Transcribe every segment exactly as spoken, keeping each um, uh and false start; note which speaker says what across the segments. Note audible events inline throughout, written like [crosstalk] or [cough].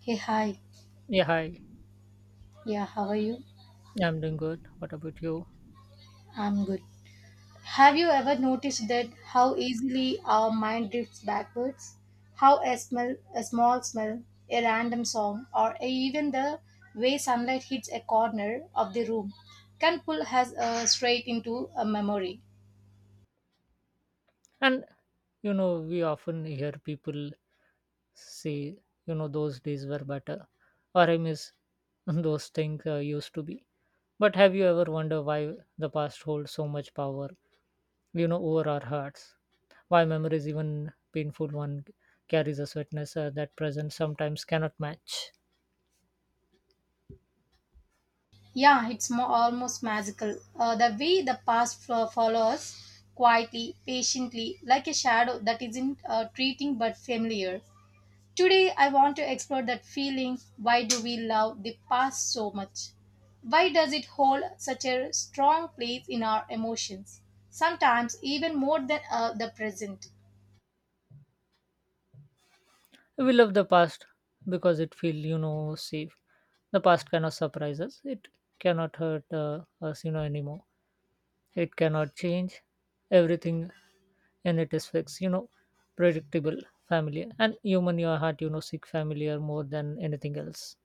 Speaker 1: Hey, hi.
Speaker 2: Yeah, hi.
Speaker 1: Yeah, how are you?
Speaker 2: I'm doing good. What about you?
Speaker 1: I'm good. Have you ever noticed that how easily our mind drifts backwards? How a smell, a small smell, a random song, or a- even the way sunlight hits a corner of the room can pull us uh, straight into a memory.
Speaker 2: And you know, we often hear people say, you know, those days were better, or I miss [laughs] those things uh, used to be. But have you ever wondered why the past holds so much power, you know, over our hearts? Why memories, even painful one, carries a sweetness uh, that present sometimes cannot match?
Speaker 1: Yeah, it's more, almost magical. Uh, the way the past fo- follows quietly, patiently, like a shadow that isn't uh, treating but familiar. Today, I want to explore that feeling, why do we love the past so much? Why does it hold such a strong place in our emotions? Sometimes, even more than uh, the present.
Speaker 2: We love the past because it feels, you know, safe. The past cannot surprise us. It cannot hurt uh, us, you know, anymore. It cannot change. Everything in it is fixed, you know, predictable, familiar. And human, your heart, you know, seek familiar more than anything else.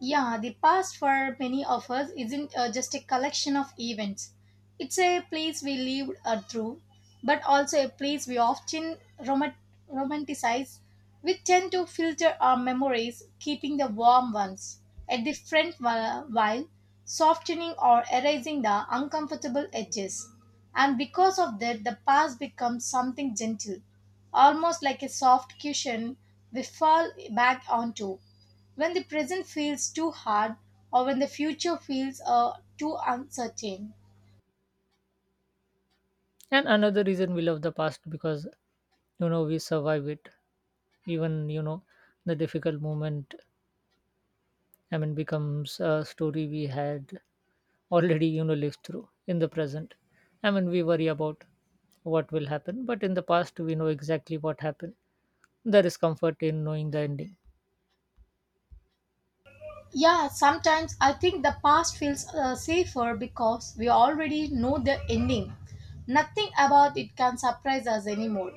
Speaker 1: Yeah, the past for many of us isn't uh, just a collection of events. It's a place we lived uh, through, but also a place we often romant- romanticize. We tend to filter our memories, keeping the warm ones at the front whi- while softening or erasing the uncomfortable edges. And because of that, the past becomes something gentle, almost like a soft cushion we fall back onto when the present feels too hard or when the future feels uh, too uncertain.
Speaker 2: And another reason we love the past because, you know, we survive it. Even, you know, the difficult moment, I mean, becomes a story we had already, you know, lived through in the present. I mean, we worry about what will happen, but in the past, we know exactly what happened. There is comfort in knowing the ending.
Speaker 1: Yeah, sometimes I think the past feels uh, safer because we already know the ending. Nothing about it can surprise us anymore.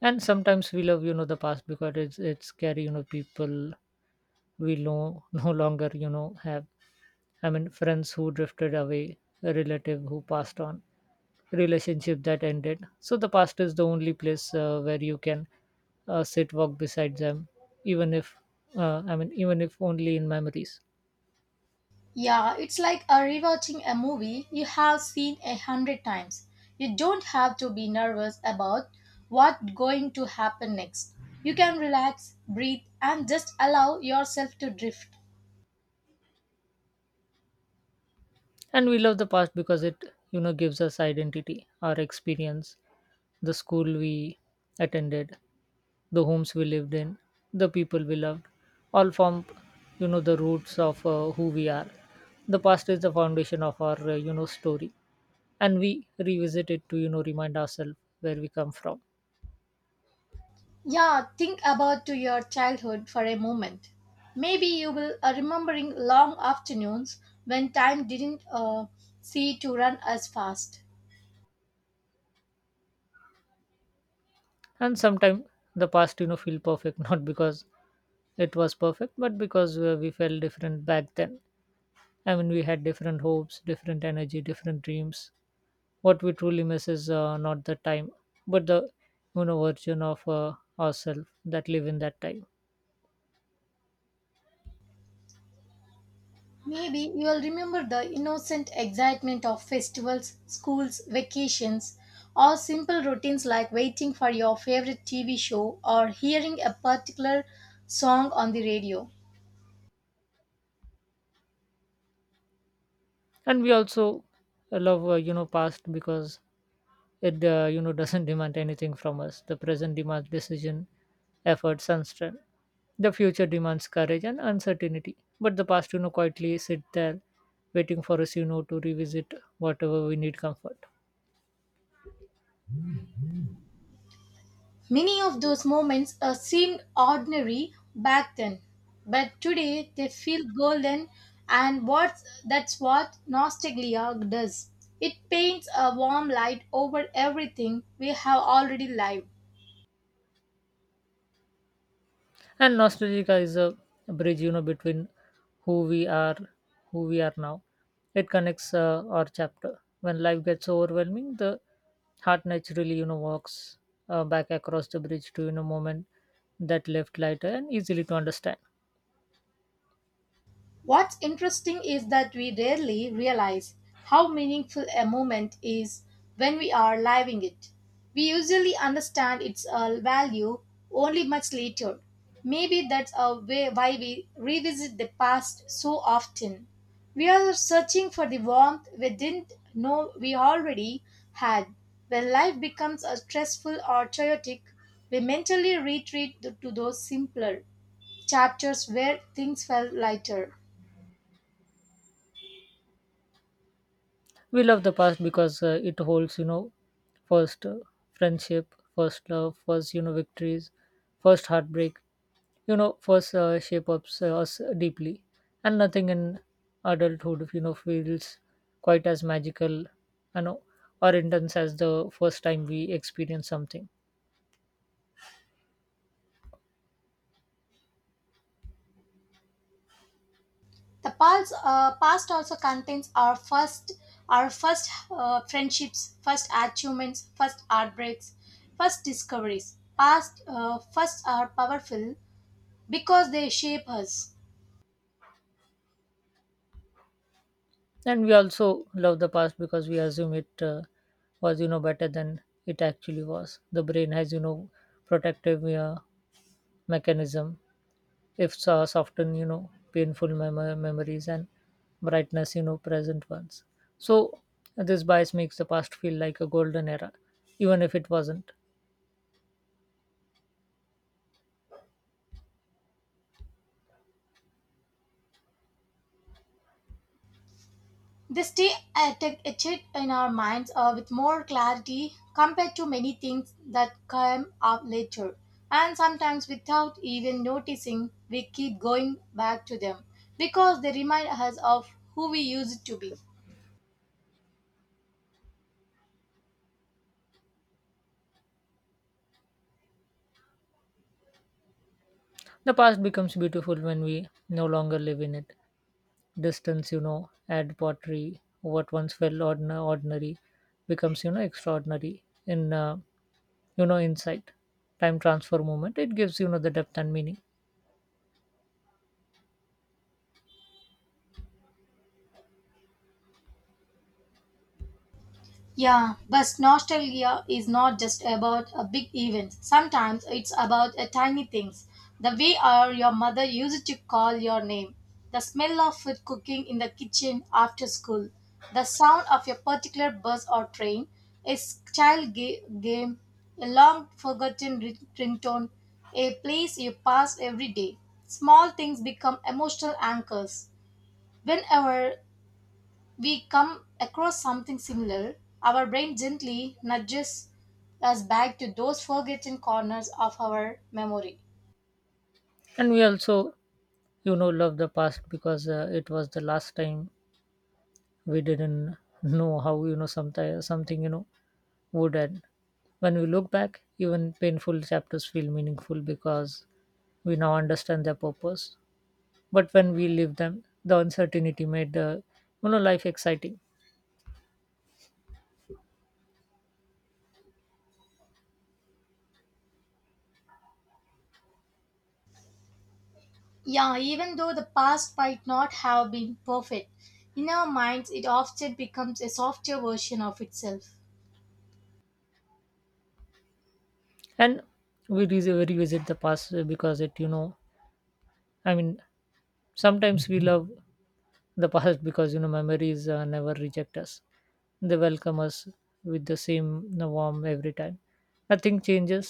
Speaker 2: And sometimes we love you know the past because it's it's scary, you know people we no no longer you know have, I mean, friends who drifted away, a relative who passed on, relationship that ended. So the past is the only place uh, where you can uh, sit walk beside them, even if uh, i mean even if only in memories.
Speaker 1: Yeah, it's like a rewatching a movie you have seen a hundred times. You don't have to be nervous about what's going to happen next. You can relax, breathe, and just allow yourself to drift.
Speaker 2: And we love the past because it, you know gives us identity, our experience, the school we attended, the homes we lived in, the people we loved, all form, you know, the roots of uh, who we are. The past is the foundation of our, uh, you know, story, and we revisit it to, you know, remind ourselves where we come from.
Speaker 1: Yeah, think about to your childhood for a moment. Maybe you will uh, remembering long afternoons when time didn't uh, see to run as fast.
Speaker 2: And sometimes the past, you know, feel perfect [laughs] not because it was perfect, but because uh, we felt different back then. I mean, we had different hopes, different energy, different dreams. What we truly miss is uh, not the time, but the you know version of uh, ourselves that live in that time.
Speaker 1: Maybe you will remember the innocent excitement of festivals, schools, vacations, or simple routines like waiting for your favorite T V show or hearing a particular song on the radio.
Speaker 2: And we also love uh, you know past because it uh, you know doesn't demand anything from us. The present demands decision, efforts and strength. The future demands courage and uncertainty, but the past, you know quietly sit there waiting for us, you know to revisit whatever we need comfort.
Speaker 1: Many of those moments uh, seemed ordinary back then, but today they feel golden, and what's, that's what nostalgia does. It paints a warm light over everything we have already lived.
Speaker 2: And nostalgia is a bridge, you know between who we are who we are now. It connects uh, our chapter. When life gets overwhelming, the heart naturally, you know walks uh, back across the bridge to, you know moment that left lighter and easily to understand.
Speaker 1: What's interesting is that we rarely realize how meaningful a moment is when we are living it. We usually understand its uh, value only much later. Maybe that's a way why we revisit the past so often. We are searching for the warmth we didn't know we already had. When life becomes uh, stressful or chaotic, we mentally retreat to those simpler chapters where things felt lighter.
Speaker 2: We love the past because uh, it holds, you know first uh, friendship, first love, first, you know victories, first heartbreak, you know first uh, shape ups uh, us deeply. And nothing in adulthood, you know feels quite as magical, you know or intense as the first time we experience something.
Speaker 1: The past, uh, past also contains our first, our first uh, friendships, first achievements, first heartbreaks, first discoveries. Past, uh, first are powerful because they shape us.
Speaker 2: And we also love the past because we assume it uh, was, you know better than it actually was. The brain has, you know protective uh, mechanism, if so- soften, you know painful mem- memories and brightness, you know present ones. So this bias makes the past feel like a golden era, even if it wasn't.
Speaker 1: They stay etched etched in our minds uh, with more clarity compared to many things that come up later. And sometimes, without even noticing, we keep going back to them because they remind us of who we used to be.
Speaker 2: The past becomes beautiful when we no longer live in it. Distance, you know add pottery. What once felt ordna- ordinary becomes, you know extraordinary in, uh, you know insight. Time transfer moment, it gives, you know the depth and meaning.
Speaker 1: Yeah, but nostalgia is not just about a big event. Sometimes it's about a tiny things. The way or your mother used to call your name, the smell of food cooking in the kitchen after school, the sound of your particular bus or train, a s- child ga- game, a long forgotten ri- ringtone, a place you pass every day. Small things become emotional anchors. Whenever we come across something similar, our brain gently nudges us back to those forgotten corners of our memory.
Speaker 2: And we also, you know love the past because uh, it was the last time we didn't know how, you know sometimes something, you know would end. When we look back, even painful chapters feel meaningful because we now understand their purpose. But when we live them, the uncertainty made the, you know life exciting.
Speaker 1: Yeah, even though the past might not have been perfect, in our minds it often becomes a softer version of itself.
Speaker 2: And we re- revisit the past because it, you know i mean sometimes we love the past because, you know memories uh, never reject us. They welcome us with the same warmth every time. Nothing changes,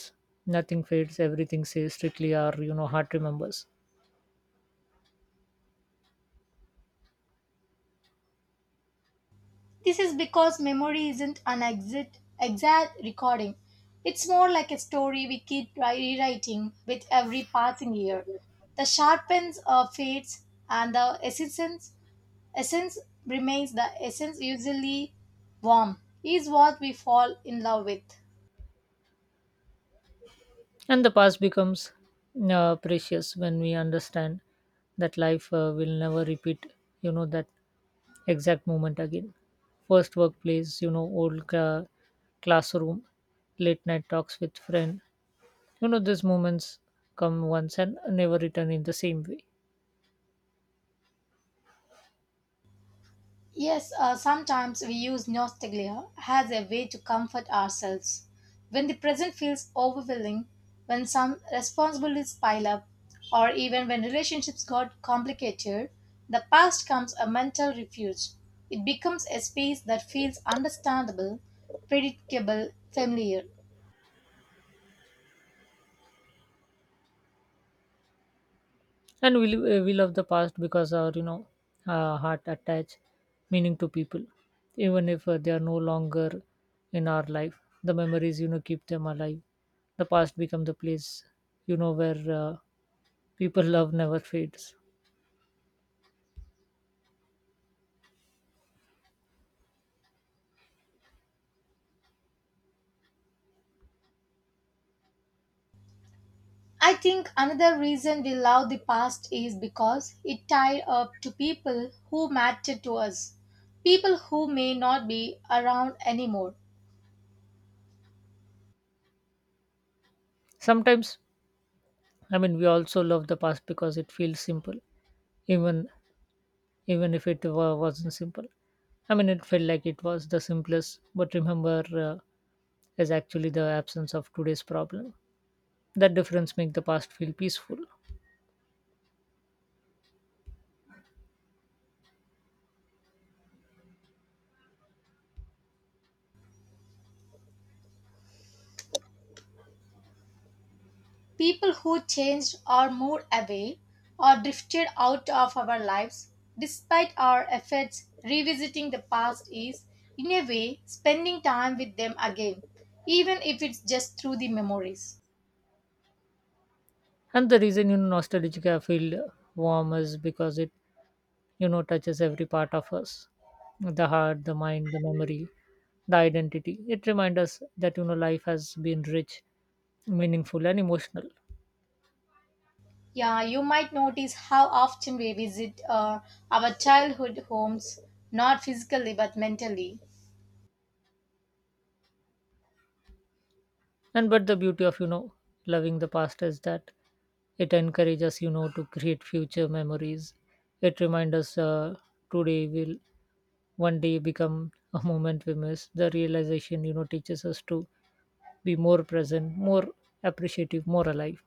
Speaker 2: nothing fades, everything stays strictly our, you know heart remembers.
Speaker 1: This is because memory isn't an exit, exact recording. It's more like a story we keep ri- rewriting with every passing year. The sharpens or fades and the essence essence remains the essence usually warm is what we fall in love with.
Speaker 2: And the past becomes uh, precious when we understand that life uh, will never repeat, you know, that exact moment again. First workplace, you know, old uh, classroom, late night talks with friend. You know, these moments come once and never return in the same way.
Speaker 1: Yes, uh, sometimes we use nostalgia as a way to comfort ourselves when the present feels overwhelming, when some responsibilities pile up, or even when relationships got complicated. The past comes a mental refuge. It becomes a space that feels understandable, predictable, familiar.
Speaker 2: And we, lo- we love the past because our, you know uh, heart attach meaning to people, even if uh, they are no longer in our life. The memories, you know keep them alive. The past become the place, you know where uh, people [laughs] love never fades.
Speaker 1: I think another reason we love the past is because it tied up to people who mattered to us, people who may not be around anymore,
Speaker 2: Sometimes, I mean, we also love the past because it feels simple, even even if it wa- wasn't simple. I mean, it felt like it was the simplest. But remember, uh, is actually the absence of today's problem. That difference make the past feel peaceful.
Speaker 1: people who changed or moved away or drifted out of our lives. Despite our efforts, revisiting the past is, in a way, spending time with them again, even if it's just through the memories.
Speaker 2: And the reason, you know nostalgia feel warm is because it, you know touches every part of us, the heart, the mind, the memory, the identity. It reminds us that, you know life has been rich, meaningful, and emotional.
Speaker 1: Yeah, you might notice how often we visit uh, our childhood homes, not physically but mentally.
Speaker 2: And but the beauty of, you know loving the past is that it encourages us, you know to create future memories. It reminds us, uh, today will one day become a moment we miss. The realization, you know teaches us to be more present, more appreciative, more alive.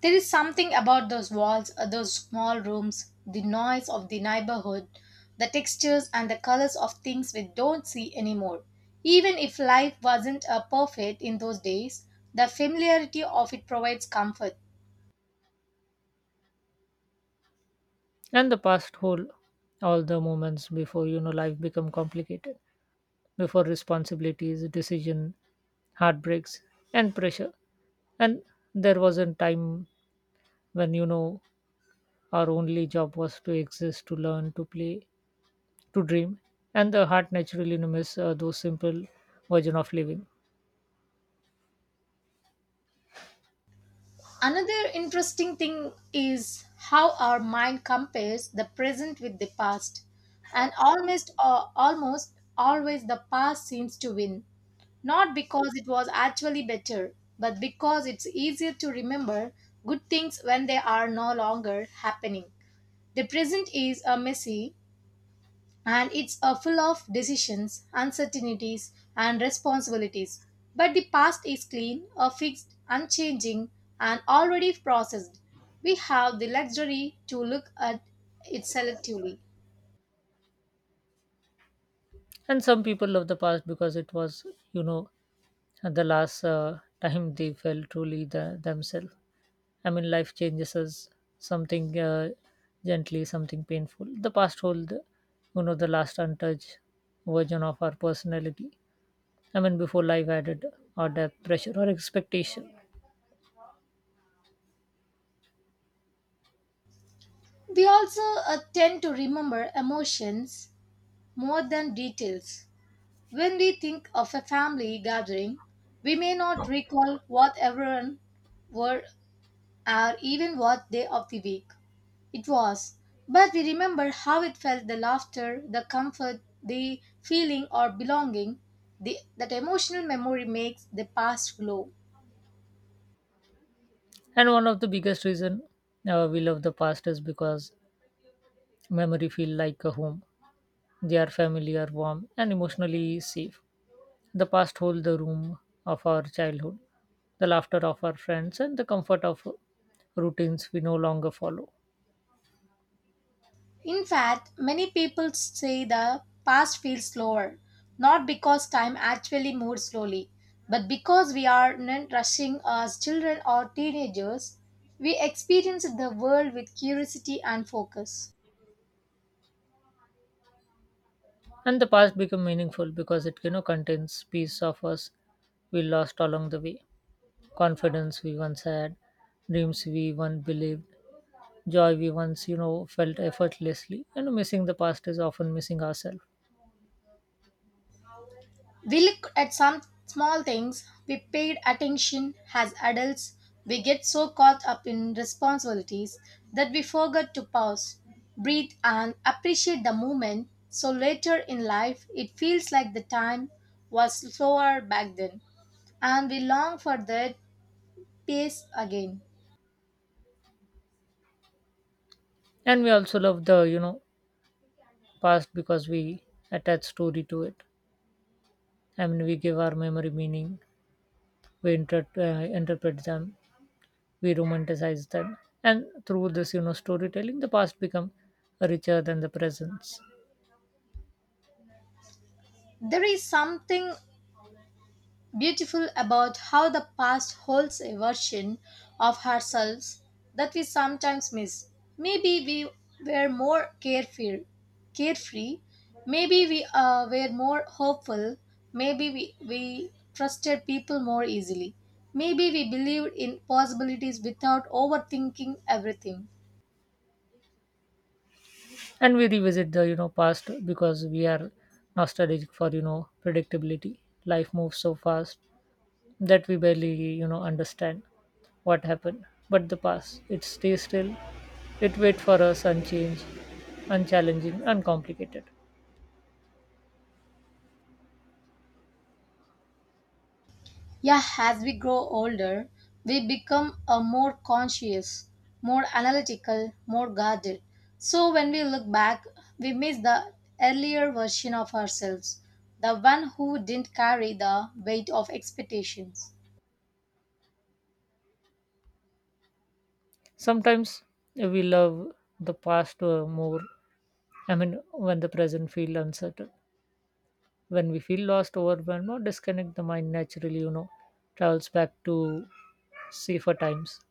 Speaker 1: There is something about those walls, uh, those small rooms, the noise of the neighborhood, the textures and the colors of things we don't see anymore. Even if life wasn't uh, perfect in those days, the familiarity of it provides comfort.
Speaker 2: And the past hold all the moments before, you know life become complicated, before responsibilities, decision, heartbreaks, and pressure. And there was a time when, you know our only job was to exist, to learn, to play, to dream, and the heart naturally, you know, miss uh, those simple version of living.
Speaker 1: Another interesting thing is how our mind compares the present with the past, and almost uh, almost always the past seems to win, not because it was actually better, but because it's easier to remember good things when they are no longer happening. The present is a messy, and it's uh, full of decisions, uncertainties, and responsibilities. But the past is clean, uh, fixed, unchanging, and already processed. We have the luxury to look at it selectively.
Speaker 2: And some people love the past because it was, you know the last uh, time they felt truly the, themselves. I mean, life changes us, something uh, gently, something painful. The past hold, you know the last untouched version of our personality, I mean, before life added or depth pressure or expectation.
Speaker 1: We also uh, tend to remember emotions more than details. When we think of a family gathering, we may not recall what everyone wore, or even what day of the week it was, but we remember how it felt, the laughter, the comfort, the feeling or belonging. The, that emotional memory makes the past glow.
Speaker 2: And one of the biggest reason, uh, we love the past is because memory feel like a home. They are familiar, warm and emotionally safe. The past holds the room of our childhood, the laughter of our friends, and the comfort of routines we no longer follow.
Speaker 1: In fact, many people say the past feels slower, not because time actually moves slowly, but because we are not rushing as children or teenagers. We experience the world with curiosity and focus.
Speaker 2: And the past become meaningful because it, you know contains piece of us we lost along the way, confidence we once had, dreams we once believed, joy we once, you know felt effortlessly. And missing the past is often missing ourselves.
Speaker 1: We look at some small things we paid attention as adults. We get so caught up in responsibilities that we forget to pause, breathe, and appreciate the moment. So later in life, it feels like the time was slower back then, and we long for that pace again.
Speaker 2: And we also love the, you know past because we attach story to it. I mean, we give our memory meaning. We inter- uh, interpret them, we romanticize that, and through this, you know storytelling the past become richer than the present.
Speaker 1: There is something beautiful about how the past holds a version of ourselves that we sometimes miss. Maybe we were more carefree, carefree. Maybe we uh, were more hopeful. Maybe we, we trusted people more easily. Maybe we believed in possibilities without overthinking everything.
Speaker 2: And we revisit the, you know past because we are nostalgic for, you know predictability. Life moves so fast that we barely, you know understand what happened, but the past, it stays still. It waits for us, unchanged, unchallenging, uncomplicated.
Speaker 1: Yeah, as we grow older, we become a more conscious, more analytical, more guarded. So when we look back, we miss the earlier version of ourselves, the one who didn't carry the weight of expectations.
Speaker 2: Sometimes we love the past uh, more, I mean, when the present feel uncertain. When we feel lost, overwhelmed, or disconnect, the mind naturally, you know, travels back to safer times.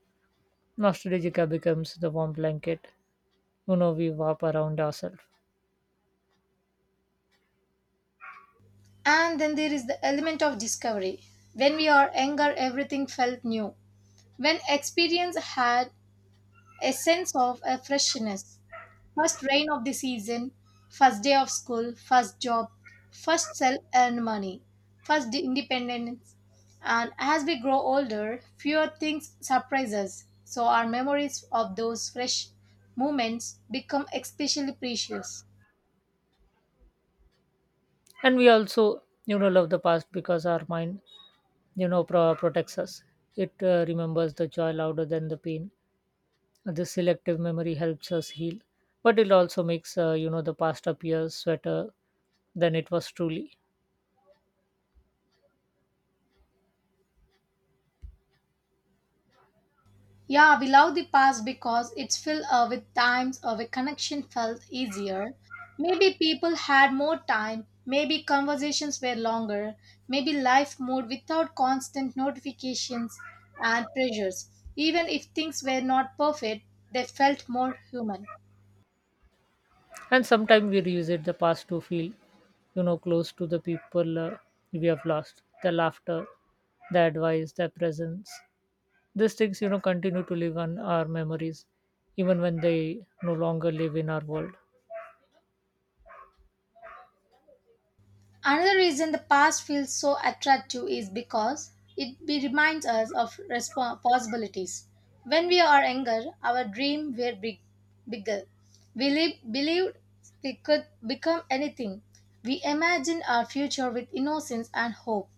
Speaker 2: Nostalgia becomes the warm blanket, you know, we warp around ourselves.
Speaker 1: And then there is the element of discovery. When we are younger, everything felt new. When experience had a sense of a freshness, first rain of the season, first day of school, first job, first self earned money, first independence. And as we grow older, fewer things surprise us. So our memories of those fresh moments become especially precious.
Speaker 2: And we also, you know, love the past because our mind, you know, pro- protects us. It uh, remembers the joy louder than the pain. This selective memory helps us heal, but it also makes, uh, you know, the past appear sweeter than it was truly.
Speaker 1: Yeah, we love the past because it's filled uh, with times uh, where connection felt easier. Maybe people had more time, maybe conversations were longer, maybe life moved without constant notifications and pressures. Even if things were not perfect, they felt more human.
Speaker 2: And sometimes we revisit the past to feel, you know close to the people, uh, we have lost. The laughter, the advice, their presence, these things, you know continue to live on our memories, even when they no longer live in our world.
Speaker 1: Another reason the past feels so attractive is because it be- reminds us of respo- possibilities. When we are younger, our dreams were big, bigger. We li- believed we could become anything. We imagined our future with innocence and hope.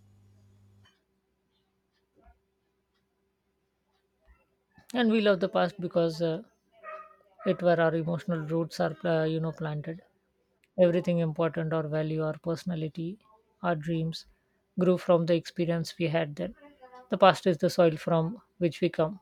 Speaker 2: And we love the past because uh, it where our emotional roots are, uh, you know planted. Everything important, our value, our personality, our dreams, grew from the experience we had then. The past is the soil from which we come.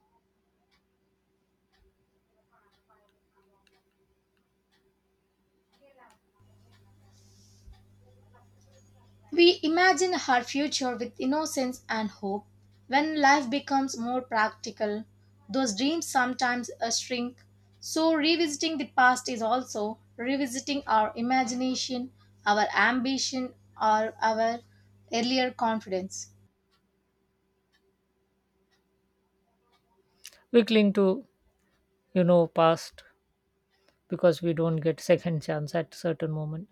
Speaker 1: We imagine her future with innocence and hope. When life becomes more practical, those dreams sometimes uh, shrink. So, revisiting the past is also revisiting our imagination, our ambition, or our earlier confidence.
Speaker 2: We cling to, you know past because we don't get second chance at certain moment.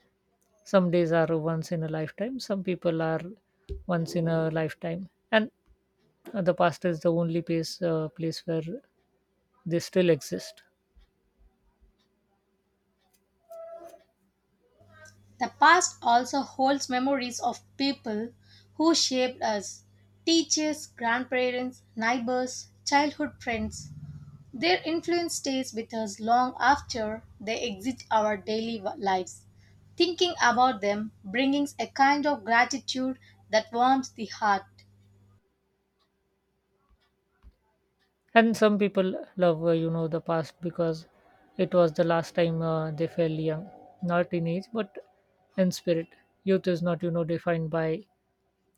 Speaker 2: Some days are once in a lifetime, some people are once in a lifetime, and uh, the past is the only place uh, place where they still exist.
Speaker 1: The past also holds memories of people who shaped us, teachers, grandparents, neighbors, childhood friends. Their influence stays with us long after they exit our daily w- lives. Thinking about them brings a kind of gratitude that warms the heart.
Speaker 2: And some people love, uh, you know the past because it was the last time, uh, they felt young, not in age but in spirit. Youth is not, you know defined by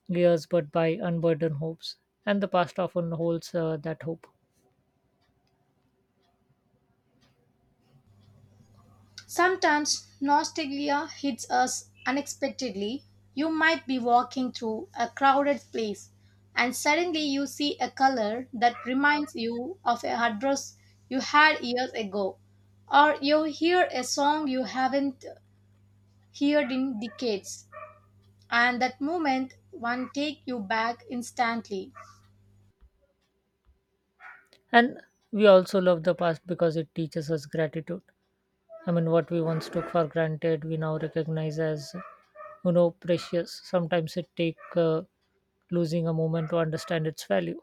Speaker 2: years but by unburdened hopes, and the past often holds, uh, that hope.
Speaker 1: Sometimes nostalgia hits us unexpectedly. You might be walking through a crowded place and suddenly you see a color that reminds you of a address you had years ago, or you hear a song you haven't heard in decades, and that moment one take you back instantly.
Speaker 2: And we also love the past because it teaches us gratitude. I mean, what we once took for granted, we now recognize as, you know, precious. Sometimes it take uh, losing a moment to understand its value.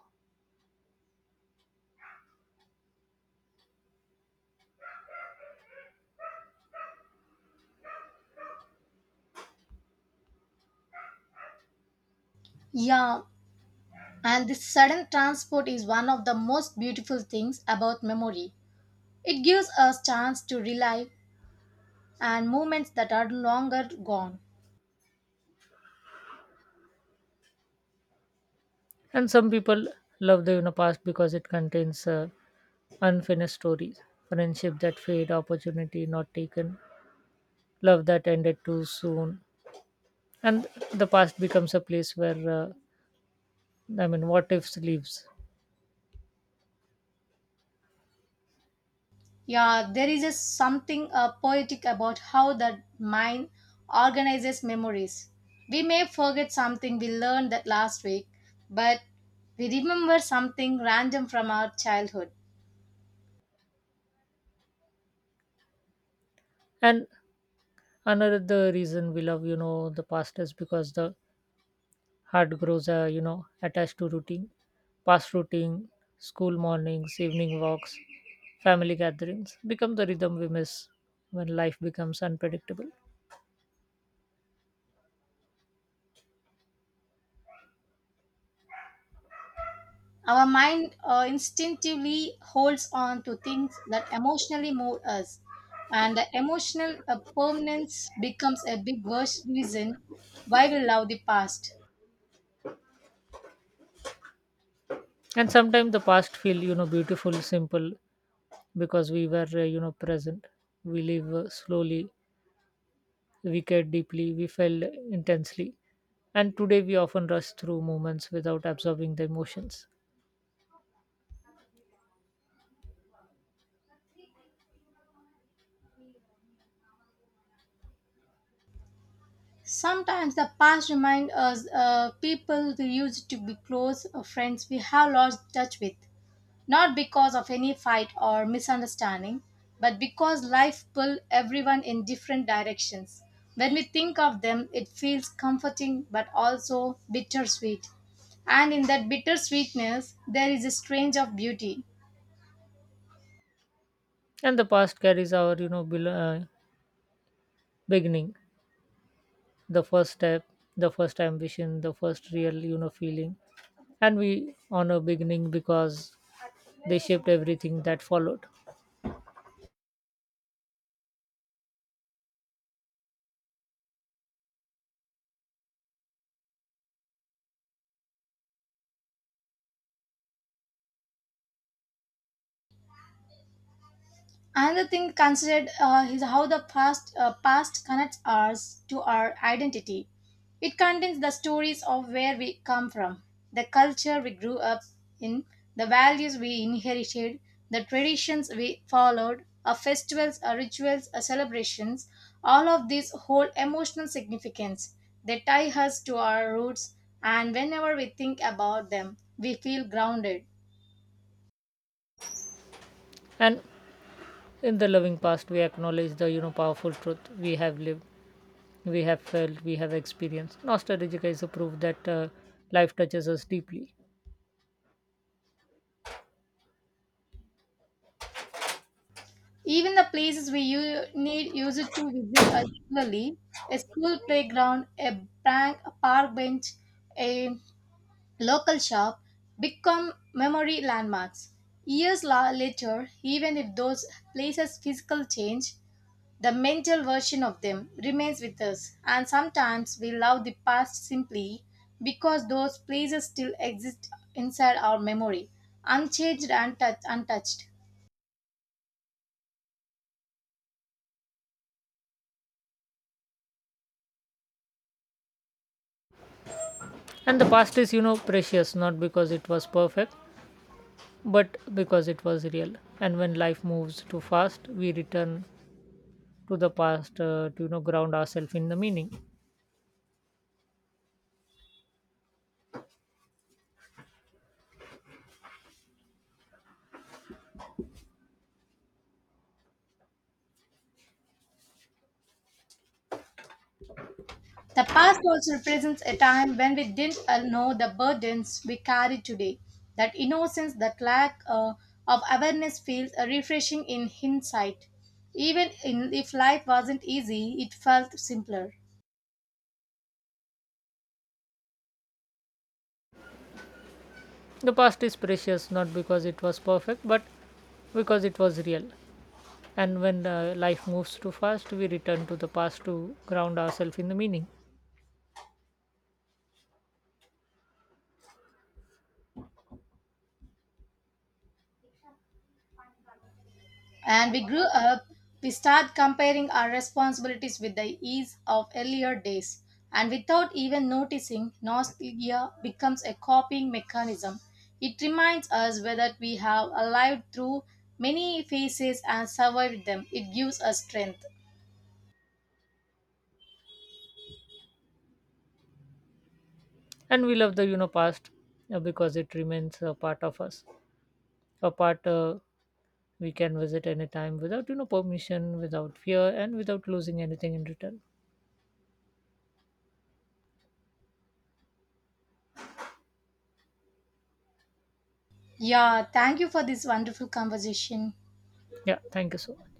Speaker 1: Yeah, and this sudden transport is one of the most beautiful things about memory. It gives us chance to relive and movements that are longer gone.
Speaker 2: And some people love the, you know, past because it contains, uh, unfinished stories, friendship that fade, opportunity not taken, love that ended too soon, and the past becomes a place where, uh, I mean, what ifs lives.
Speaker 1: Yeah, there is a something uh, poetic about how the mind organizes memories. We may forget something we learned that last week, but we remember something random from our childhood.
Speaker 2: And another reason we love, you know the past is because the heart grows, uh, you know attached to routine. Past routine, school mornings, evening walks, family gatherings become the rhythm we miss when life becomes unpredictable.
Speaker 1: Our mind uh, instinctively holds on to things that emotionally move us, and the emotional uh, permanence becomes a big worst reason why we love the past.
Speaker 2: And sometimes the past feel, you know beautiful simple because we were, uh, you know present. We live, uh, slowly, we cared deeply, we felt intensely, and today we often rush through moments without absorbing the emotions.
Speaker 1: Sometimes the past reminds us uh, people we used to be close uh, friends we have lost touch with, not because of any fight or misunderstanding, but because life pulled everyone in different directions. When we think of them, it feels comforting but also bittersweet. And in that bittersweetness, there is a strange of beauty.
Speaker 2: And the past carries our, you know bel- uh, beginning, the first step, the first ambition, the first real, you know feeling, and we honor beginning because they shaped everything that followed.
Speaker 1: Another thing considered uh, is how the past, uh, past connects us to our identity. It contains the stories of where we come from, the culture we grew up in, the values we inherited, the traditions we followed, our festivals, our rituals, our celebrations. All of these hold emotional significance. They tie us to our roots, and whenever we think about them, we feel grounded.
Speaker 2: And in the loving past we acknowledge the, you know powerful truth. We have lived, we have felt, we have experienced. Nostalgia is a proof that, uh, life touches us deeply.
Speaker 1: Even the places we u- need used to visit are regularly, a school playground, a bank, a park bench, a local shop, become memory landmarks. Years la- later, even if those places physical change, the mental version of them remains with us. And sometimes we love the past simply because those places still exist inside our memory, unchanged and touch- untouched.
Speaker 2: And the past is, you know precious not because it was perfect but because it was real, and when life moves too fast we return to the past, uh, to, you know ground ourselves in the meaning.
Speaker 1: The past also represents a time when we didn't uh, know the burdens we carry today. That innocence, that lack uh, of awareness feels uh, refreshing in hindsight. Even in, if life wasn't easy, it felt simpler.
Speaker 2: The past is precious not because it was perfect but because it was real, and when uh, life moves too fast we return to the past to ground ourselves in the meaning.
Speaker 1: And we grew up, we start comparing our responsibilities with the ease of earlier days. And without even noticing, nostalgia becomes a copying mechanism. It reminds us whether we have lived through many phases and survived them. It gives us strength.
Speaker 2: And we love the, you know past uh, because it remains a part of us, a part uh, we can visit anytime without, you know permission, without fear and without losing anything in return.
Speaker 1: Yeah, thank you for this wonderful conversation.
Speaker 2: Yeah, thank you so much.